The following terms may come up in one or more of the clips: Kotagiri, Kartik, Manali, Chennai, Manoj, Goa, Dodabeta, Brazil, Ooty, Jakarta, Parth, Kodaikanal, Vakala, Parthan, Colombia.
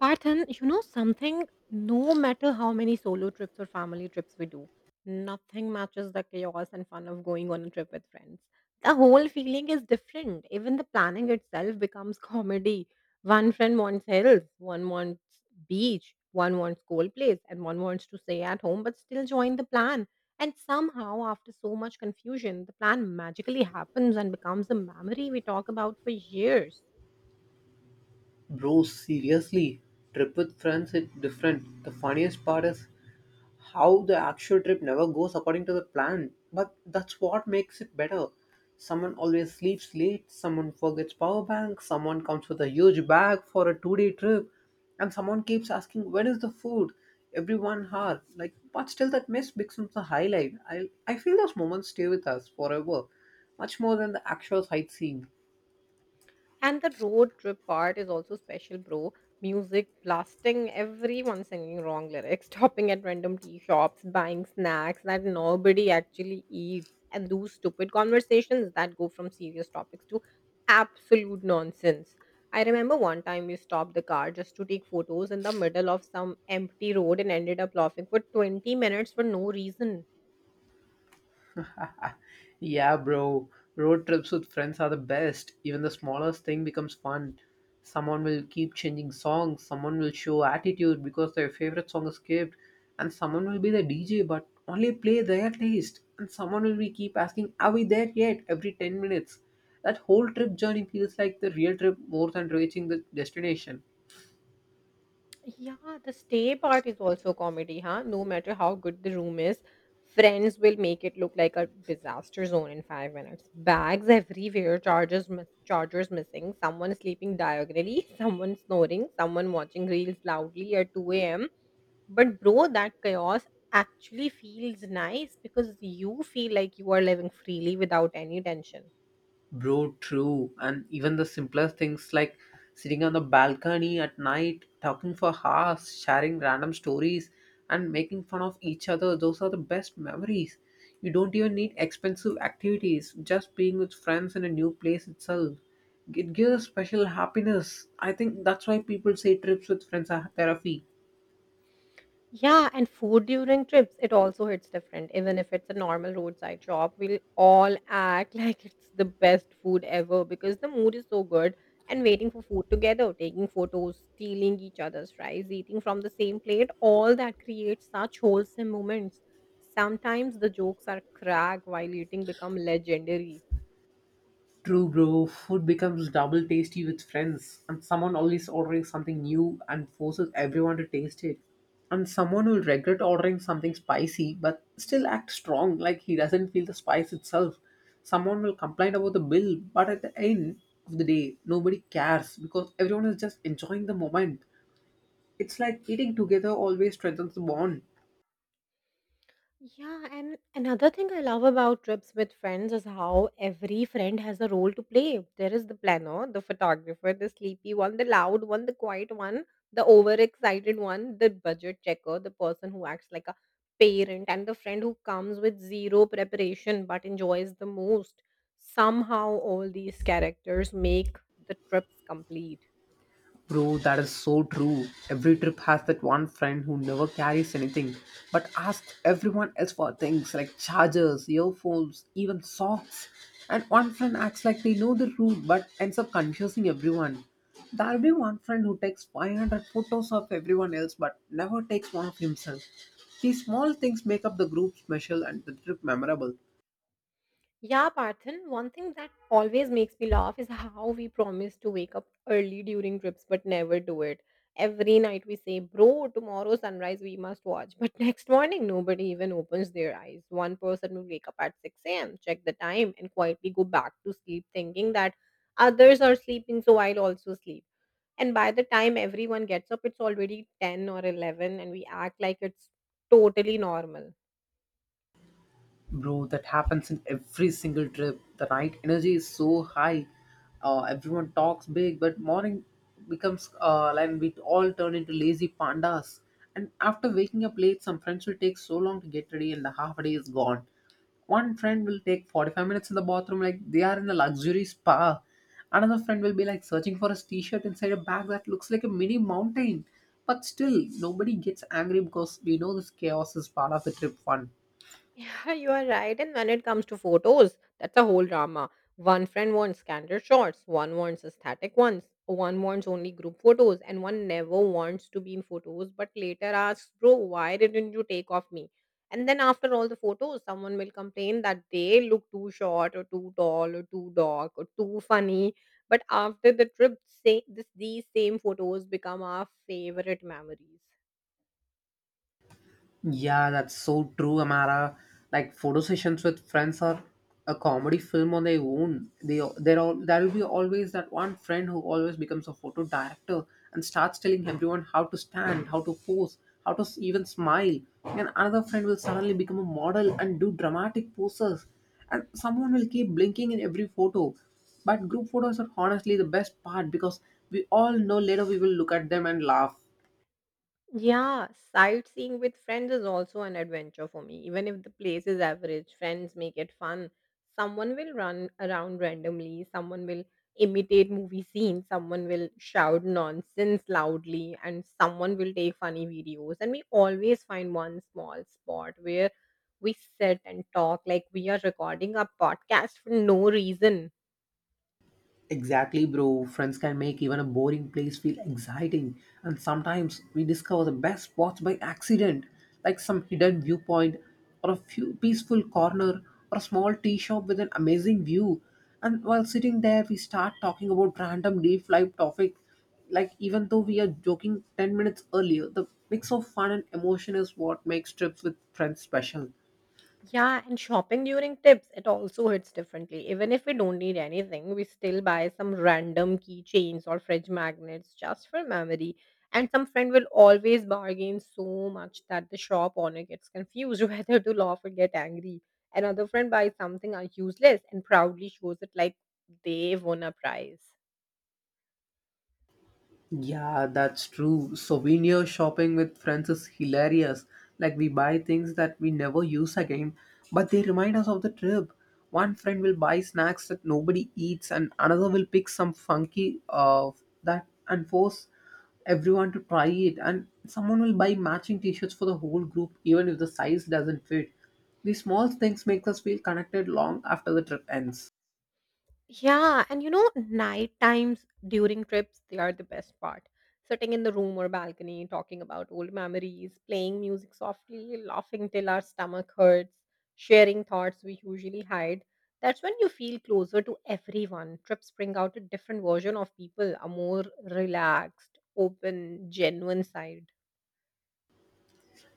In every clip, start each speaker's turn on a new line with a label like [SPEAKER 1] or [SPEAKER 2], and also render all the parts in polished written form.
[SPEAKER 1] Parth, you know something, no matter how many solo trips or family trips we do, nothing matches the chaos and fun of going on a trip with friends. The whole feeling is different. Even the planning itself becomes comedy. One friend wants hills, one wants beach, one wants cold place, and one wants to stay at home but still join the plan. And somehow, after so much confusion, the plan magically happens and becomes a memory we talk about for years.
[SPEAKER 2] Bro, seriously, trip with friends is different. The funniest part is how the actual trip never goes according to the plan. But that's what makes it better. Someone always sleeps late, someone forgets power bank, someone comes with a huge bag for a two-day trip, and someone keeps asking when is the food? Every 1 hour. Like but still that mess becomes the highlight. I feel those moments stay with us forever. Much more than the actual sightseeing.
[SPEAKER 1] And the road trip part is also special, bro. Music blasting, everyone singing wrong lyrics, stopping at random tea shops, buying snacks that nobody actually eats, and those stupid conversations that go from serious topics to absolute nonsense. I remember one time we stopped the car just to take photos in the middle of some empty road and ended up laughing for 20 minutes for no reason.
[SPEAKER 2] Yeah, bro. Road trips with friends are the best. Even the smallest thing becomes fun. Someone will keep changing songs, someone will show attitude because their favorite song is skipped, and someone will be the DJ but only play their taste, and someone will be keep asking, are we there yet? Every 10 minutes. That whole trip journey feels like the real trip more than reaching the destination.
[SPEAKER 1] Yeah, the stay part is also comedy, huh? No matter how good the room is, friends will make it look like a disaster zone in 5 minutes. Bags everywhere, chargers, chargers missing, someone sleeping diagonally, someone snoring, someone watching reels loudly at 2 a.m. But bro, that chaos actually feels nice because you feel like you are living freely without any tension.
[SPEAKER 2] Bro, true. And even the simplest things like sitting on the balcony at night, talking for hours, sharing random stories, and making fun of each other, those are the best memories. You don't even need expensive activities, just being with friends in a new place itself. It gives a special happiness. I think that's why people say trips with friends are therapy.
[SPEAKER 1] Yeah, and food during trips, it also hits different. Even if it's a normal roadside shop, we'll all act like it's the best food ever because the mood is so good, and waiting for food together, taking photos, stealing each other's fries, eating from the same plate, all that creates such wholesome moments. Sometimes the jokes are crack while eating become legendary.
[SPEAKER 2] True, bro. Food becomes double tasty with friends, and someone always ordering something new and forces everyone to taste it. And someone will regret ordering something spicy but still act strong, like he doesn't feel the spice itself. Someone will complain about the bill, but at the end of the day, nobody cares because everyone is just enjoying the moment. It's like eating together always strengthens the bond.
[SPEAKER 1] Yeah, and another thing I love about trips with friends is how every friend has a role to play. There is the planner, the photographer, the sleepy one, the loud one, the quiet one, the overexcited one, the budget checker, the person who acts like a parent, and the friend who comes with zero preparation but enjoys the most. Somehow, all these characters make the trips complete.
[SPEAKER 2] Bro, that is so true. Every trip has that one friend who never carries anything but asks everyone else for things like chargers, earphones, even socks. And one friend acts like they know the route but ends up confusing everyone. There'll be one friend who takes 500 photos of everyone else but never takes one of himself. These small things make up the group special and the trip memorable.
[SPEAKER 1] Yeah, Parthan, one thing that always makes me laugh is how we promise to wake up early during trips but never do it. Every night we say, "Bro, tomorrow sunrise we must watch." But next morning, nobody even opens their eyes. One person will wake up at 6 a.m., check the time, and quietly go back to sleep, thinking that others are sleeping, so I'll also sleep. And by the time everyone gets up, it's already 10 or 11, and we act like it's totally normal.
[SPEAKER 2] Bro, that happens in every single trip. The night energy is so high. Everyone talks big, but morning becomes and we all turn into lazy pandas. And after waking up late, some friends will take so long to get ready, and the half a day is gone. One friend will take 45 minutes in the bathroom, like they are in the luxury spa. Another friend will be like searching for his t shirt inside a bag that looks like a mini mountain. But still, nobody gets angry because we know this chaos is part of the trip fun.
[SPEAKER 1] Yeah, you are right. And when it comes to photos, that's a whole drama. One friend wants candid shots, one wants aesthetic ones, one wants only group photos, and one never wants to be in photos but later asks, "Bro, why didn't you take off me?" And then after all the photos, someone will complain that they look too short or too tall or too dark or too funny. But after the trip, these same photos become our favorite memories.
[SPEAKER 2] Yeah, that's so true, Amara. Like photo sessions with friends are a comedy film on their own. They there all there will be always that one friend who always becomes a photo director and starts telling everyone how to stand, how to pose, even smile. And another friend will suddenly become a model and do dramatic poses. And someone will keep blinking in every photo. But group photos are honestly the best part because we all know later we will look at them and laugh.
[SPEAKER 1] Yeah, sightseeing with friends is also an adventure for me. Even if the place is average, friends make it fun. Someone will run around randomly, someone will imitate movie scenes, someone will shout nonsense loudly, and someone will take funny videos. And we always find one small spot where we sit and talk like we are recording a podcast for no reason.
[SPEAKER 2] Exactly, bro. Friends can make even a boring place feel exciting, and sometimes we discover the best spots by accident, like some hidden viewpoint, or a few peaceful corner, or a small tea shop with an amazing view. And while sitting there, we start talking about random deep life topic, like even though we are joking 10 minutes earlier. The mix of fun and emotion is what makes trips with friends special.
[SPEAKER 1] Yeah, and shopping during tips, it also hits differently. Even if we don't need anything, we still buy some random keychains or fridge magnets just for memory. And some friend will always bargain so much that the shop owner gets confused whether to laugh or get angry. Another friend buys something useless and proudly shows it like they won a prize.
[SPEAKER 2] Yeah, that's true. Souvenir shopping with friends is hilarious. Like, we buy things that we never use again, but they remind us of the trip. One friend will buy snacks that nobody eats, and another will pick some funky that and force everyone to try it. And someone will buy matching t shirts for the whole group, even if the size doesn't fit. These small things make us feel connected long after the trip ends.
[SPEAKER 1] Yeah, and you know, night times during trips, they are the best part. Sitting in the room or balcony, talking about old memories, playing music softly, laughing till our stomach hurts, sharing thoughts we usually hide. That's when you feel closer to everyone. Trips bring out a different version of people, a more relaxed, open, genuine side.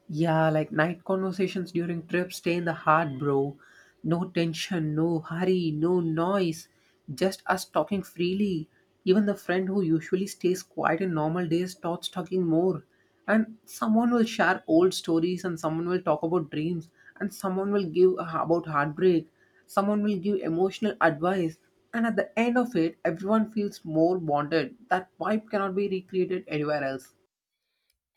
[SPEAKER 2] Yeah, like night conversations during trips stay in the heart, bro. No tension, no hurry, no noise. Just us talking freely. Even the friend who usually stays quiet in normal days starts talking more. And someone will share old stories, and someone will talk about dreams, and someone will about heartbreak, someone will give emotional advice. And at the end of it, everyone feels more bonded. That vibe cannot be recreated anywhere else.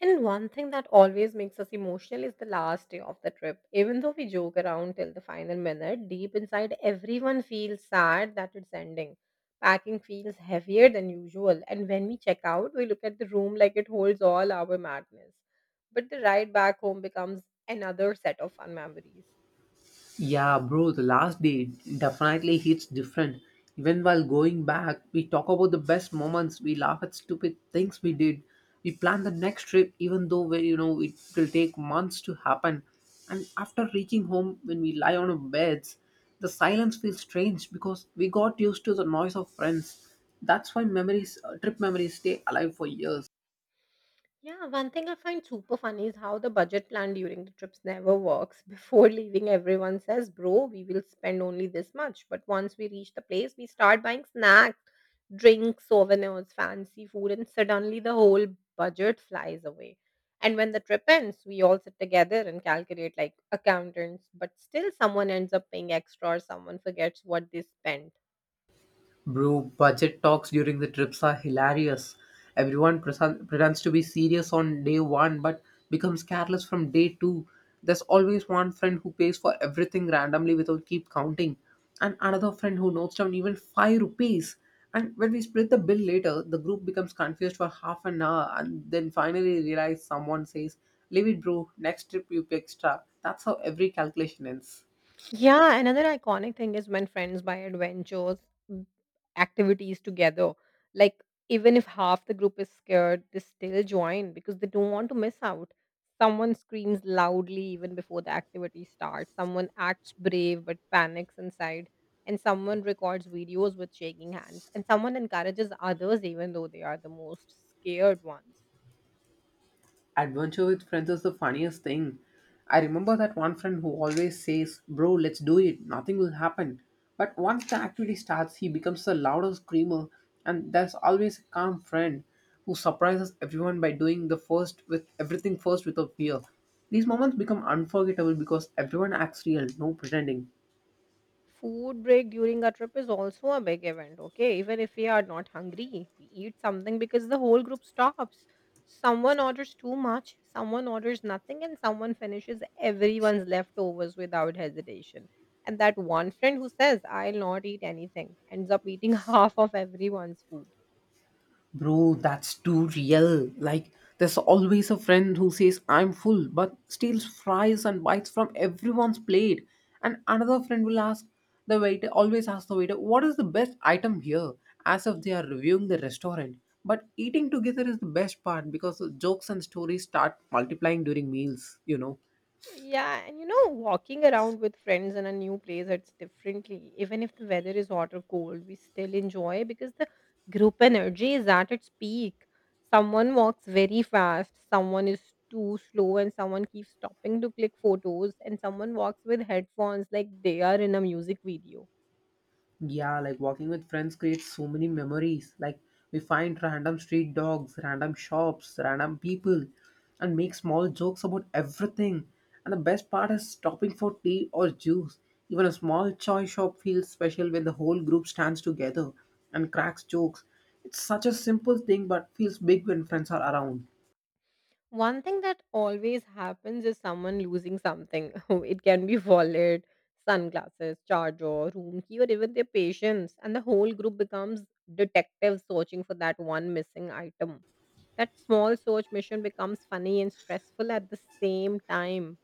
[SPEAKER 1] And one thing that always makes us emotional is the last day of the trip. Even though we joke around till the final minute, deep inside everyone feels sad that it's ending. Packing feels heavier than usual, and when we check out, we look at the room like it holds all our madness. But the ride back home becomes another set of fun memories.
[SPEAKER 2] Yeah, bro, the last day definitely hits different. Even while going back, we talk about the best moments, we laugh at stupid things we did. We plan the next trip even though we, you know it will take months to happen. And after reaching home when we lie on our beds, the silence feels strange because we got used to the noise of friends. That's why memories trip memories stay alive for years.
[SPEAKER 1] Yeah, one thing I find super funny is how the budget plan during the trips never works. Before leaving, everyone says, "Bro, we will spend only this much." But once we reach the place, we start buying snacks, drinks, souvenirs, fancy food, and suddenly the whole budget flies away. And when the trip ends, we all sit together and calculate like accountants, but still someone ends up paying extra or someone forgets what they spent.
[SPEAKER 2] Bro, budget talks during the trips are hilarious. Pretends to be serious on day one but becomes careless from day two. There's always one friend who pays for everything randomly without keep counting, and another friend who notes down even 5 rupees. And when we split the bill later, the group becomes confused for half an hour and then finally realize someone says, leave it, bro, next trip you pay extra. That's how every calculation ends.
[SPEAKER 1] Yeah, another iconic thing is when friends buy adventures, m- activities together. Like, even if half the group is scared, they still join because they don't want to miss out. Someone screams loudly even before the activity starts. Someone acts brave but panics inside. And someone records videos with shaking hands. And someone encourages others even though they are the most scared ones.
[SPEAKER 2] Adventure with friends is the funniest thing. I remember that one friend who always says, bro, let's do it, nothing will happen. But once the activity starts, he becomes the loudest screamer, and there's always a calm friend who surprises everyone by doing the first with everything first without fear. These moments become unforgettable because everyone acts real, no pretending.
[SPEAKER 1] Food break during a trip is also a big event, okay? Even if we are not hungry, we eat something because the whole group stops. Someone orders too much, someone orders nothing, and someone finishes everyone's leftovers without hesitation. And that one friend who says, "I'll not eat anything," ends up eating half of everyone's food.
[SPEAKER 2] Bro, that's too real. Like, there's always a friend who says, I'm full, but steals fries and bites from everyone's plate. And another friend will always ask the waiter, what is the best item here? As if they are reviewing the restaurant. But eating together is the best part because the jokes and stories start multiplying during meals, you know.
[SPEAKER 1] Yeah, and you know, walking around with friends in a new place, it's differently. Even if the weather is hot or cold, we still enjoy because the group energy is at its peak. Someone walks very fast, someone is too slow, and someone keeps stopping to click photos, and someone walks with headphones like they are in a music video.
[SPEAKER 2] Yeah, like walking with friends creates so many memories. Like we find random street dogs, random shops, random people, and make small jokes about everything. And the best part is stopping for tea or juice. Even a small chai shop feels special when the whole group stands together and cracks jokes. It's such a simple thing but feels big when friends are around.
[SPEAKER 1] One thing that always happens is someone losing something. It can be wallet, sunglasses, charger, room key, or even their patience. And the whole group becomes detectives searching for that one missing item. That small search mission becomes funny and stressful at the same time.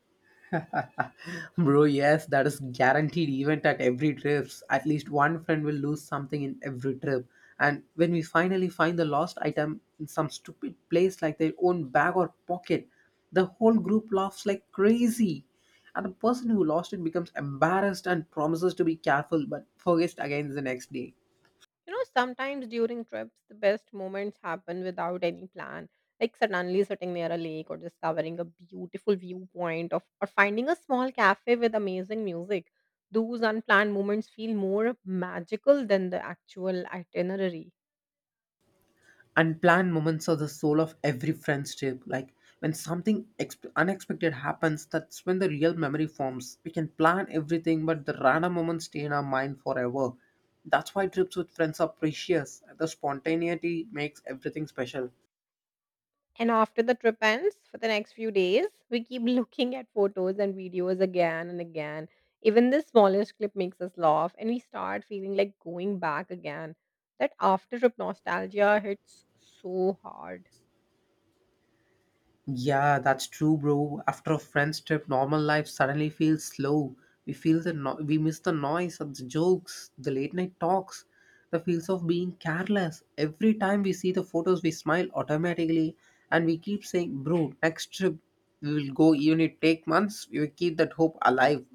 [SPEAKER 2] Bro, yes, that is guaranteed event at every trips. At least one friend will lose something in every trip. And when we finally find the lost item in some stupid place like their own bag or pocket, the whole group laughs like crazy. And the person who lost it becomes embarrassed and promises to be careful but forgets again the next day.
[SPEAKER 1] You know, sometimes during trips, the best moments happen without any plan, like suddenly sitting near a lake or discovering a beautiful viewpoint of or finding a small cafe with amazing music. Those unplanned moments feel more magical than the actual itinerary.
[SPEAKER 2] Unplanned moments are the soul of every friendship. Like when something unexpected happens, that's when the real memory forms. We can plan everything, but the random moments stay in our mind forever. That's why trips with friends are precious. The spontaneity makes everything special.
[SPEAKER 1] And after the trip ends for the next few days, we keep looking at photos and videos again and again. Even the smallest clip makes us laugh, and we start feeling like going back again. That after trip nostalgia hits so hard.
[SPEAKER 2] Yeah, that's true, bro. After a friend's trip, normal life suddenly feels slow. We feel the no- We miss the noise of the jokes, the late night talks, the feels of being careless. Every time we see the photos, we smile automatically, and we keep saying, "Bro, next trip we will go." Even it take months, we will keep that hope alive.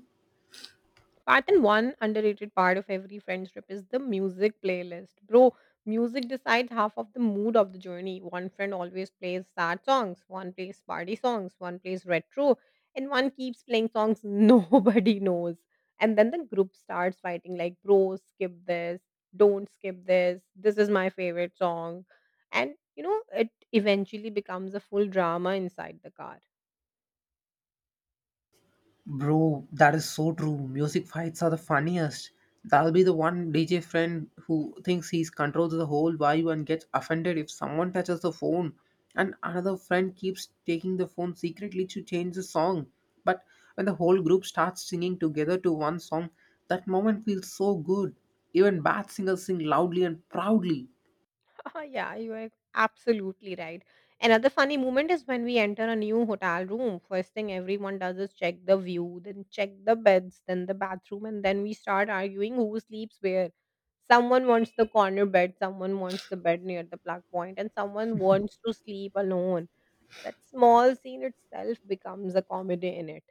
[SPEAKER 1] Part and one underrated part of every friend trip is the music playlist. Bro, music decides half of the mood of the journey. One friend always plays sad songs, one plays party songs, one plays retro, and one keeps playing songs nobody knows. And then the group starts fighting like, "Bro, skip this, don't skip this, this is my favorite song." And you know, it eventually becomes a full drama inside the car.
[SPEAKER 2] Bro, that is so true. Music fights are the funniest. That'll be the one DJ friend who thinks he's controls the whole vibe and gets offended if someone touches the phone. And another friend keeps taking the phone secretly to change the song. But when the whole group starts singing together to one song, that moment feels so good. Even bad singers sing loudly and proudly.
[SPEAKER 1] Oh, yeah, you are absolutely right. Another funny moment is when we enter a new hotel room. First thing everyone does is check the view, then check the beds, then the bathroom, and then we start arguing who sleeps where. Someone wants the corner bed, someone wants the bed near the plug point, and someone wants to sleep alone. That small scene itself becomes a comedy in it.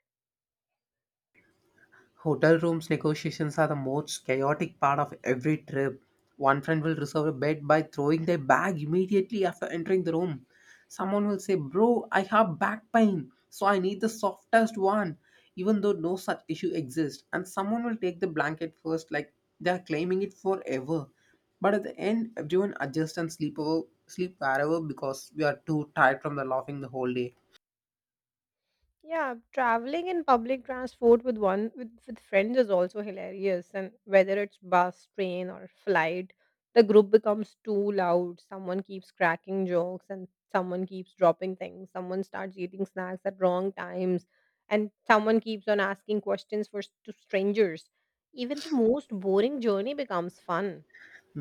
[SPEAKER 2] Hotel rooms negotiations are the most chaotic part of every trip. One friend will reserve a bed by throwing their bag immediately after entering the room. Someone will say, bro, I have back pain, so I need the softest one, even though no such issue exists. And someone will take the blanket first, like they are claiming it forever. But at the end, everyone adjusts and sleep wherever because we are too tired from the laughing the whole day.
[SPEAKER 1] Yeah, traveling in public transport with friends is also hilarious. And whether it's bus, train, or flight, the group becomes too loud. Someone keeps cracking jokes, and someone keeps dropping things. Someone starts eating snacks at wrong times, and someone keeps on asking questions to strangers. Even the most boring journey becomes fun.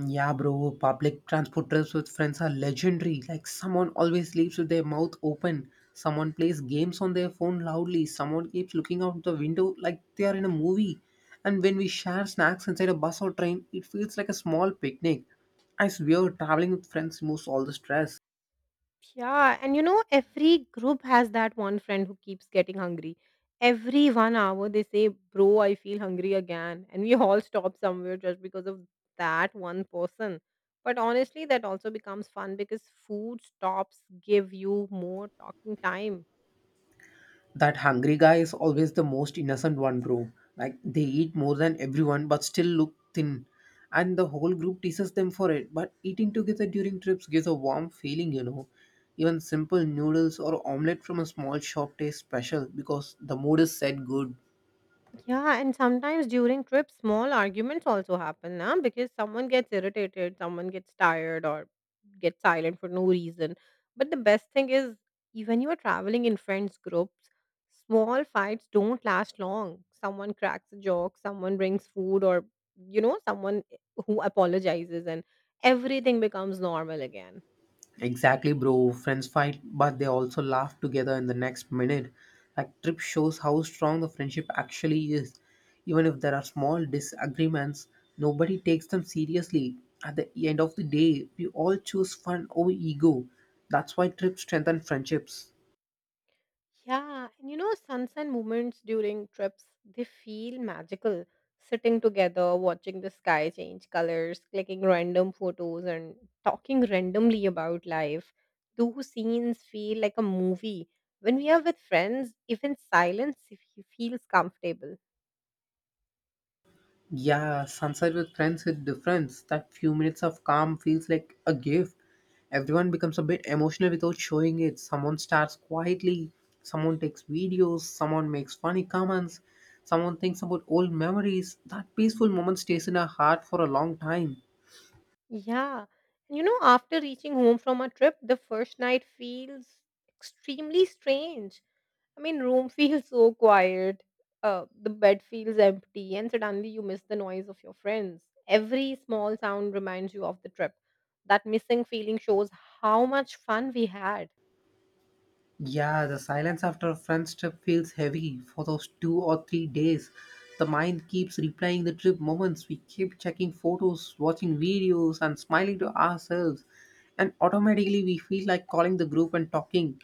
[SPEAKER 2] Yeah, bro, public transport trips with friends are legendary. Like, someone always sleeps with their mouth open, someone plays games on their phone loudly, someone keeps looking out the window like they are in a movie. And when we share snacks inside a bus or train, it feels like a small picnic. I swear, traveling with friends removes all the stress.
[SPEAKER 1] Yeah, and you know, every group has that one friend who keeps getting hungry. Every 1 hour, they say, "Bro, I feel hungry again." And we all stop somewhere just because of that one person. But honestly, that also becomes fun because food stops give you more talking time.
[SPEAKER 2] That hungry guy is always the most innocent one, bro. Like they eat more than everyone but still look thin. And the whole group teases them for it. But eating together during trips gives a warm feeling. Even simple noodles or omelette from a small shop taste special because the mood is set good.
[SPEAKER 1] Yeah, and sometimes during trips, small arguments also happen now because someone gets irritated, someone gets tired, or gets silent for no reason. But the best thing is, when you are traveling in friends groups, small fights don't last long. Someone cracks a joke, someone brings food, or you know, someone who apologizes, and everything becomes normal again.
[SPEAKER 2] Exactly, bro. Friends fight, but they also laugh together in the next minute. Like, trip shows how strong the friendship actually is. Even if there are small disagreements, nobody takes them seriously. At the end of the day, we all choose fun over ego. That's why trip strengthens friendships.
[SPEAKER 1] Yeah, and you know, sunset moments during trips, they feel magical. Sitting together, watching the sky change colors, clicking random photos, and talking randomly about life. Those scenes feel like a movie. When we are with friends, even silence feels comfortable.
[SPEAKER 2] Yeah, sunset with friends hit difference. That few minutes of calm feels like a gift. Everyone becomes a bit emotional without showing it. Someone starts quietly, someone takes videos, someone makes funny comments, someone thinks about old memories. That peaceful moment stays in our heart for a long time.
[SPEAKER 1] Yeah. And you know, after reaching home from a trip, the first night feels extremely strange. I mean, room feels so quiet. The bed feels empty, and suddenly you miss the noise of your friends. Every small sound reminds you of the trip. That missing feeling shows how much fun we had.
[SPEAKER 2] Yeah, the silence after a friend's trip feels heavy for those 2 or 3 days. The mind keeps replaying the trip moments. We keep checking photos, watching videos, and smiling to ourselves. And automatically, we feel like calling the group and talking.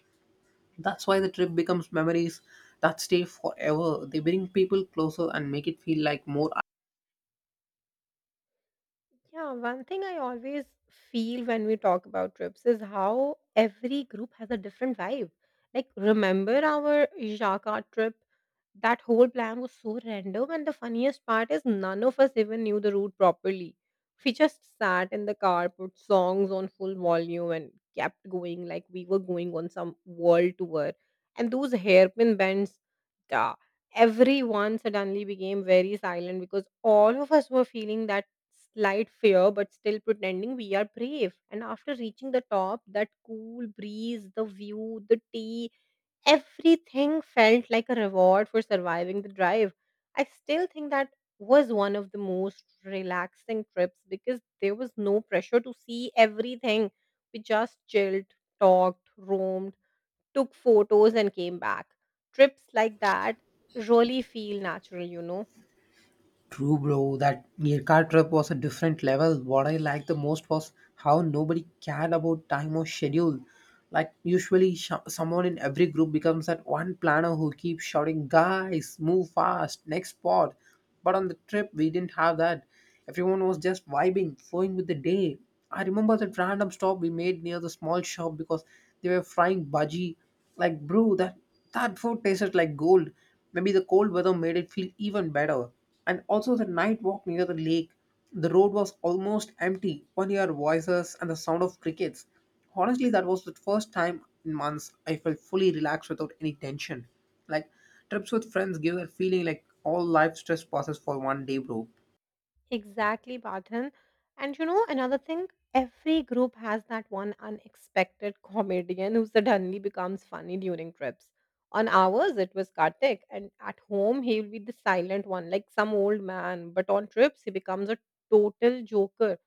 [SPEAKER 2] That's why the trip becomes memories that stay forever. They bring people closer and make it feel like more.
[SPEAKER 1] Yeah, one thing I always feel when we talk about trips is how every group has a different vibe. Like, remember our Jakarta trip? That whole plan was so random, and the funniest part is none of us even knew the route properly. We just sat in the car, put songs on full volume, and kept going like we were going on some world tour. And those hairpin bends, da, everyone suddenly became very silent because all of us were feeling that slight fear, but still pretending we are brave. And after reaching the top, that cool breeze, the view, the tea, everything felt like a reward for surviving the drive. I still think that was one of the most relaxing trips because there was no pressure to see everything. We just chilled, talked, roamed, took photos, and came back. Trips like that really feel natural, you know.
[SPEAKER 2] True, bro. That near car trip was a different level. What I liked the most was how nobody cared about time or schedule. Like usually, someone in every group becomes that one planner who keeps shouting, "Guys, move fast! Next spot!" But on the trip, we didn't have that. Everyone was just vibing, flowing with the day. I remember that random stop we made near the small shop because they were frying budgie. Like, bro, that food tasted like gold. Maybe the cold weather made it feel even better, and also the night walk near the lake. The road was almost empty, one our voices and the sound of crickets. Honestly, that was the first time in months I felt fully relaxed without any tension. Like, trips with friends give that feeling like all life stress passes for one day, bro.
[SPEAKER 1] Exactly, Badhan. And you know, another thing, every group has that one unexpected comedian who suddenly becomes funny during trips. On ours, it was Kartik, and at home, he will be the silent one, like some old man. But on trips, he becomes a total joker.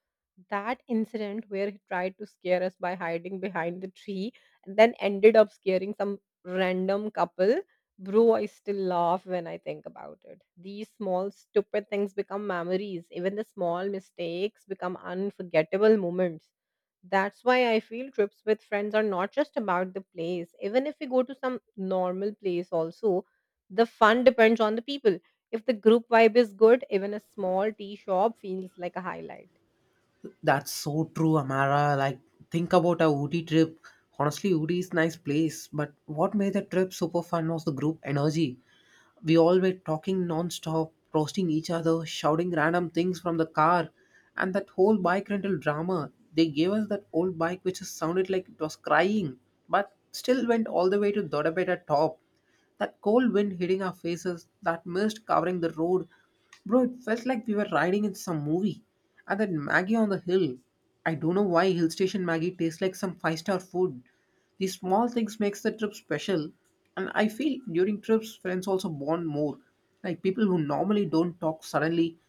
[SPEAKER 1] That incident where he tried to scare us by hiding behind the tree and then ended up scaring some random couple. Bro, I still laugh when I think about it. These small, stupid things become memories. Even the small mistakes become unforgettable moments. That's why I feel trips with friends are not just about the place. Even if we go to some normal place, also, the fun depends on the people. If the group vibe is good, even a small tea shop feels like a highlight.
[SPEAKER 2] That's so true, Amara. Like, think about our Ooty trip. Honestly, Ooty is nice place, but what made the trip super fun was the group energy. We all were talking non-stop, roasting each other, shouting random things from the car, and that whole bike rental drama. They gave us that old bike which sounded like it was crying, but still went all the way to Dodabeta top. That cold wind hitting our faces, that mist covering the road. Bro, it felt like we were riding in some movie. And that Maggie on the hill. I don't know why hill station Maggie tastes like some five-star food. These small things makes the trip special. And I feel during trips, friends also bond more. Like, people who normally don't talk suddenly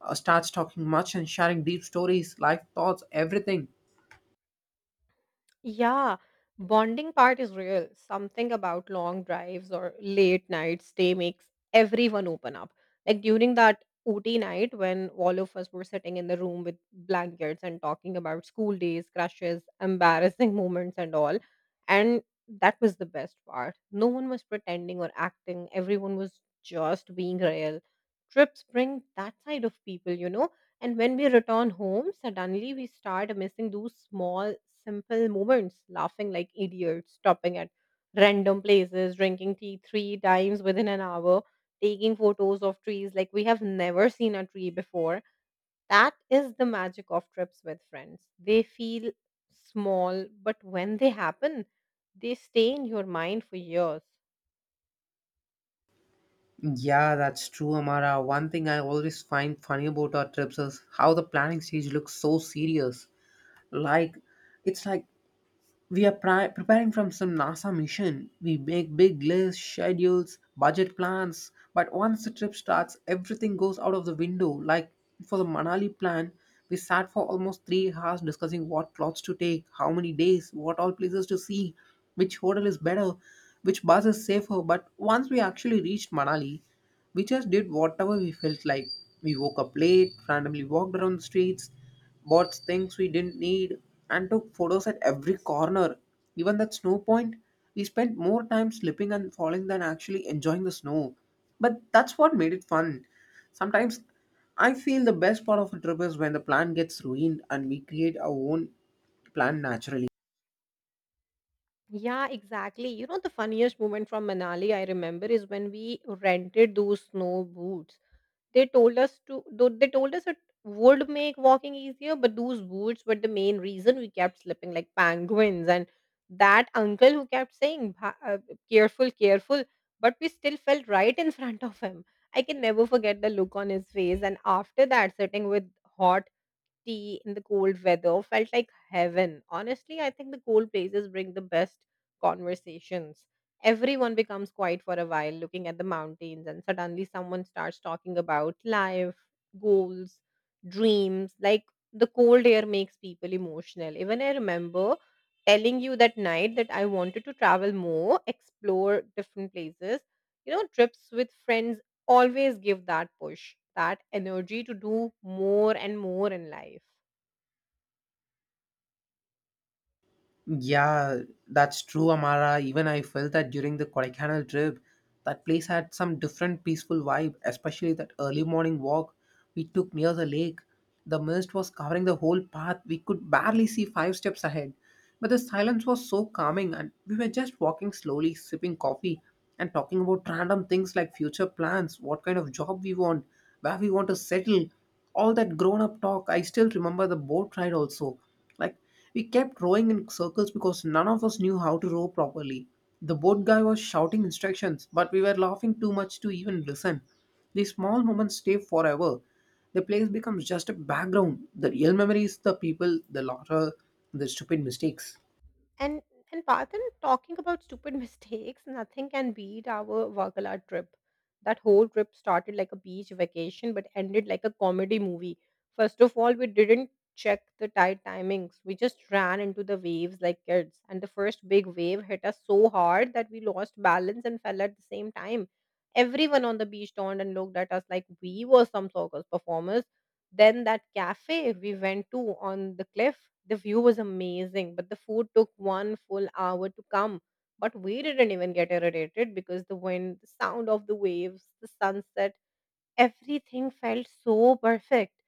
[SPEAKER 2] starts talking much and sharing deep stories, life thoughts, everything.
[SPEAKER 1] Yeah, bonding part is real. Something about long drives or late nights stay makes everyone open up. Like during that OT night when all of us were sitting in the room with blankets and talking about school days, crushes, embarrassing moments, and all. And that was the best part. No one was pretending or acting, everyone was just being real. Trips bring that side of people, you know, and when we return home, suddenly we start missing those small, simple moments, laughing like idiots, stopping at random places, drinking tea three times within an hour, taking photos of trees like we have never seen a tree before. That is the magic of trips with friends. They feel small, but when they happen, they stay in your mind for years.
[SPEAKER 2] Yeah, that's true, Amara. One thing I always find funny about our trips is how the planning stage looks so serious. Like, it's like we are preparing from some NASA mission. We make big lists, schedules, budget plans, but once the trip starts, everything goes out of the window. Like, for the Manali plan, we sat for almost 3 hours discussing what clothes to take, how many days, what all places to see, which hotel is better, which bus is safer. But once we actually reached Manali, we just did whatever we felt like. We woke up late, randomly walked around the streets, bought things we didn't need, and took photos at every corner. Even that snow point, we spent more time slipping and falling than actually enjoying the snow. But that's what made it fun. Sometimes I feel the best part of a trip is when the plan gets ruined and we create our own plan naturally.
[SPEAKER 1] Yeah, exactly. You know, the funniest moment from Manali I remember is when we rented those snow boots. They told us it would make walking easier, but those boots were the main reason we kept slipping like penguins. And that uncle who kept saying, careful, careful," but we still fell right in front of him. I can never forget the look on his face. And after that, sitting with hot tea in the cold weather felt like heaven. Honestly, I think the cold places bring the best conversations. Everyone becomes quiet for a while, looking at the mountains, and suddenly someone starts talking about life, goals, dreams. Like, the cold air makes people emotional. Even I remember telling you that night that I wanted to travel more, explore different places. You know, trips with friends always give that push, that energy to do more and more in life.
[SPEAKER 2] Yeah, that's true, Amara. Even I felt that during the Kodaikanal trip. That place had some different peaceful vibe, especially that early morning walk we took near the lake. The mist was covering the whole path. We could barely see five steps ahead. But the silence was so calming, and we were just walking slowly, sipping coffee, and talking about random things like future plans, what kind of job we want, where we want to settle. All that grown up talk. I still remember the boat ride also. Like we kept rowing in circles because none of us knew how to row properly. The boat guy was shouting instructions, but we were laughing too much to even listen. These small moments stay forever. The place becomes just a background. The real memory is the people, the laughter, the stupid mistakes.
[SPEAKER 1] And and Parthan, talking about stupid mistakes, nothing can beat our Vakala trip. That whole trip started like a beach vacation, but ended like a comedy movie. First of all, we didn't check the tide timings. We just ran into the waves like kids, and the first big wave hit us so hard that we lost balance and fell at the same time. Everyone on the beach turned and looked at us like we were some circus performers. Then that cafe we went to on the cliff, the view was amazing, but the food took one full hour to come. But we didn't even get irritated because the wind, the sound of the waves, the sunset, everything felt so perfect.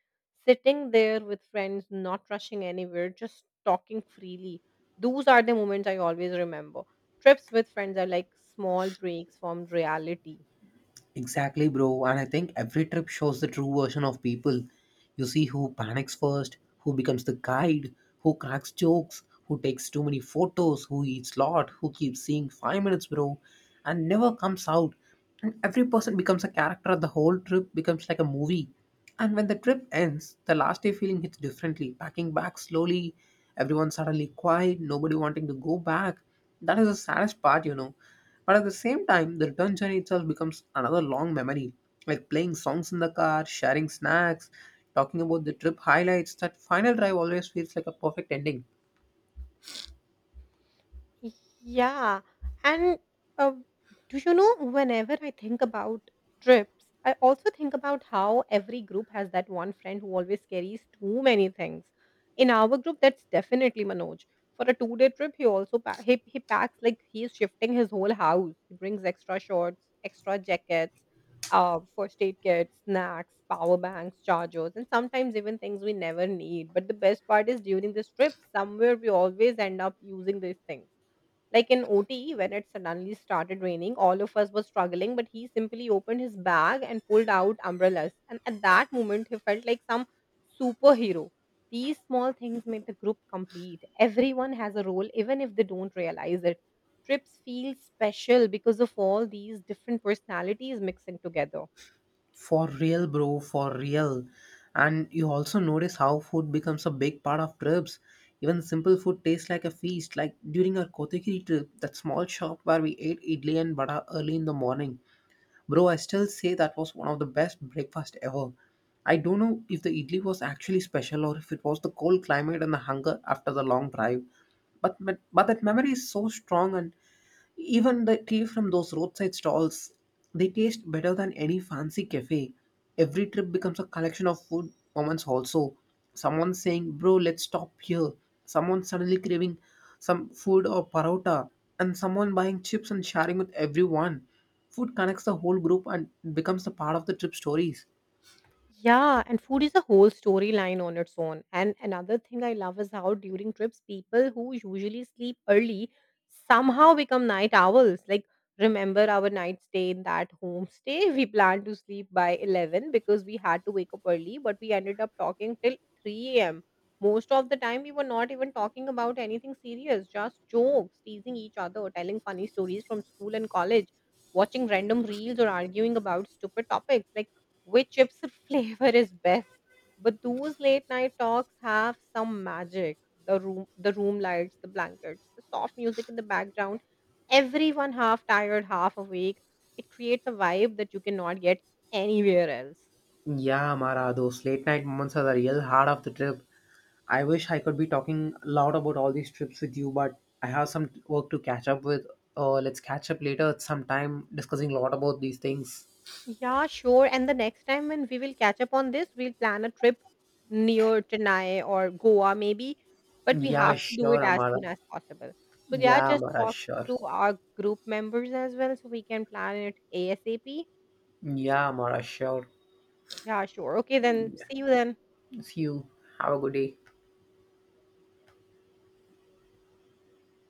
[SPEAKER 1] Sitting there with friends, not rushing anywhere, just talking freely. Those are the moments I always remember. Trips with friends are like small breaks from reality.
[SPEAKER 2] Exactly, bro. And I think every trip shows the true version of people. You see who panics first, who becomes the guide, who cracks jokes, who takes too many photos, who eats lot, who keeps seeing 5 minutes, bro, and never comes out. And every person becomes a character. The whole trip becomes like a movie. And when the trip ends, the last day feeling hits differently. Packing back slowly, everyone suddenly quiet, nobody wanting to go back. That is the saddest part. But at the same time, the return journey itself becomes another long memory. Like playing songs in the car, sharing snacks, talking about the trip highlights, that final drive always feels like a perfect ending.
[SPEAKER 1] Yeah, and uh, do you know, whenever I think about trips, I also think about how every group has that one friend who always carries too many things. In our group, that's definitely Manoj. For a two-day trip, he packs like he's shifting his whole house. He brings extra shorts, extra jackets, first aid kits, snacks, power banks, chargers, and sometimes even things we never need. But the best part is during this trip, somewhere we always end up using these things, like in OT, when it suddenly started raining, all of us were struggling, but he simply opened his bag and pulled out umbrellas. And at that moment, he felt like some superhero. These small things make the group complete. Everyone has a role, even if they don't realize it. Trips feel special because of all these different personalities mixing together.
[SPEAKER 2] For real, bro, for real. And you also notice how food becomes a big part of trips. Even simple food tastes like a feast. Like during our Kotagiri trip, that small shop where we ate idli and vada early in the morning. Bro, I still say that was one of the best breakfast ever. I don't know if the idli was actually special or if it was the cold climate and the hunger after the long drive. But that memory is so strong, and even the tea from those roadside stalls, they taste better than any fancy cafe. Every trip becomes a collection of food moments also. Someone saying, bro, let's stop here. Someone suddenly craving some food or parota. And someone buying chips and sharing with everyone. Food connects the whole group and becomes a part of the trip stories.
[SPEAKER 1] Yeah, and food is a whole storyline on its own. And another thing I love is how during trips, people who usually sleep early somehow become night owls. Like, remember our night stay in that homestay? We planned to sleep by 11 because we had to wake up early, but we ended up talking till 3 a.m. Most of the time, we were not even talking about anything serious, just jokes, teasing each other, telling funny stories from school and college, watching random reels, or arguing about stupid topics. Like, which chips flavor is best. But those late night talks have some magic. The room lights, the blankets, the soft music in the background. Everyone half tired, half awake. It creates a vibe that you cannot get anywhere else.
[SPEAKER 2] Yeah, Mara, those late night moments are the real heart of the trip. I wish I could be talking loud about all these trips with you, but I have some work to catch up with. Let's catch up later at some time discussing a lot about these things.
[SPEAKER 1] Yeah, sure. And the next time when we will catch up on this, we'll plan a trip near Chennai or Goa maybe. But we
[SPEAKER 2] Yeah,
[SPEAKER 1] have to do
[SPEAKER 2] sure,
[SPEAKER 1] it as
[SPEAKER 2] Amara.
[SPEAKER 1] soon as possible. So yeah,
[SPEAKER 2] Yeah,
[SPEAKER 1] just
[SPEAKER 2] Amara,
[SPEAKER 1] talk
[SPEAKER 2] sure.
[SPEAKER 1] to our group members as well so we can plan it ASAP.
[SPEAKER 2] Yeah, Amara, sure.
[SPEAKER 1] Yeah, sure. Okay, then. See you then.
[SPEAKER 2] See you. Have a good day.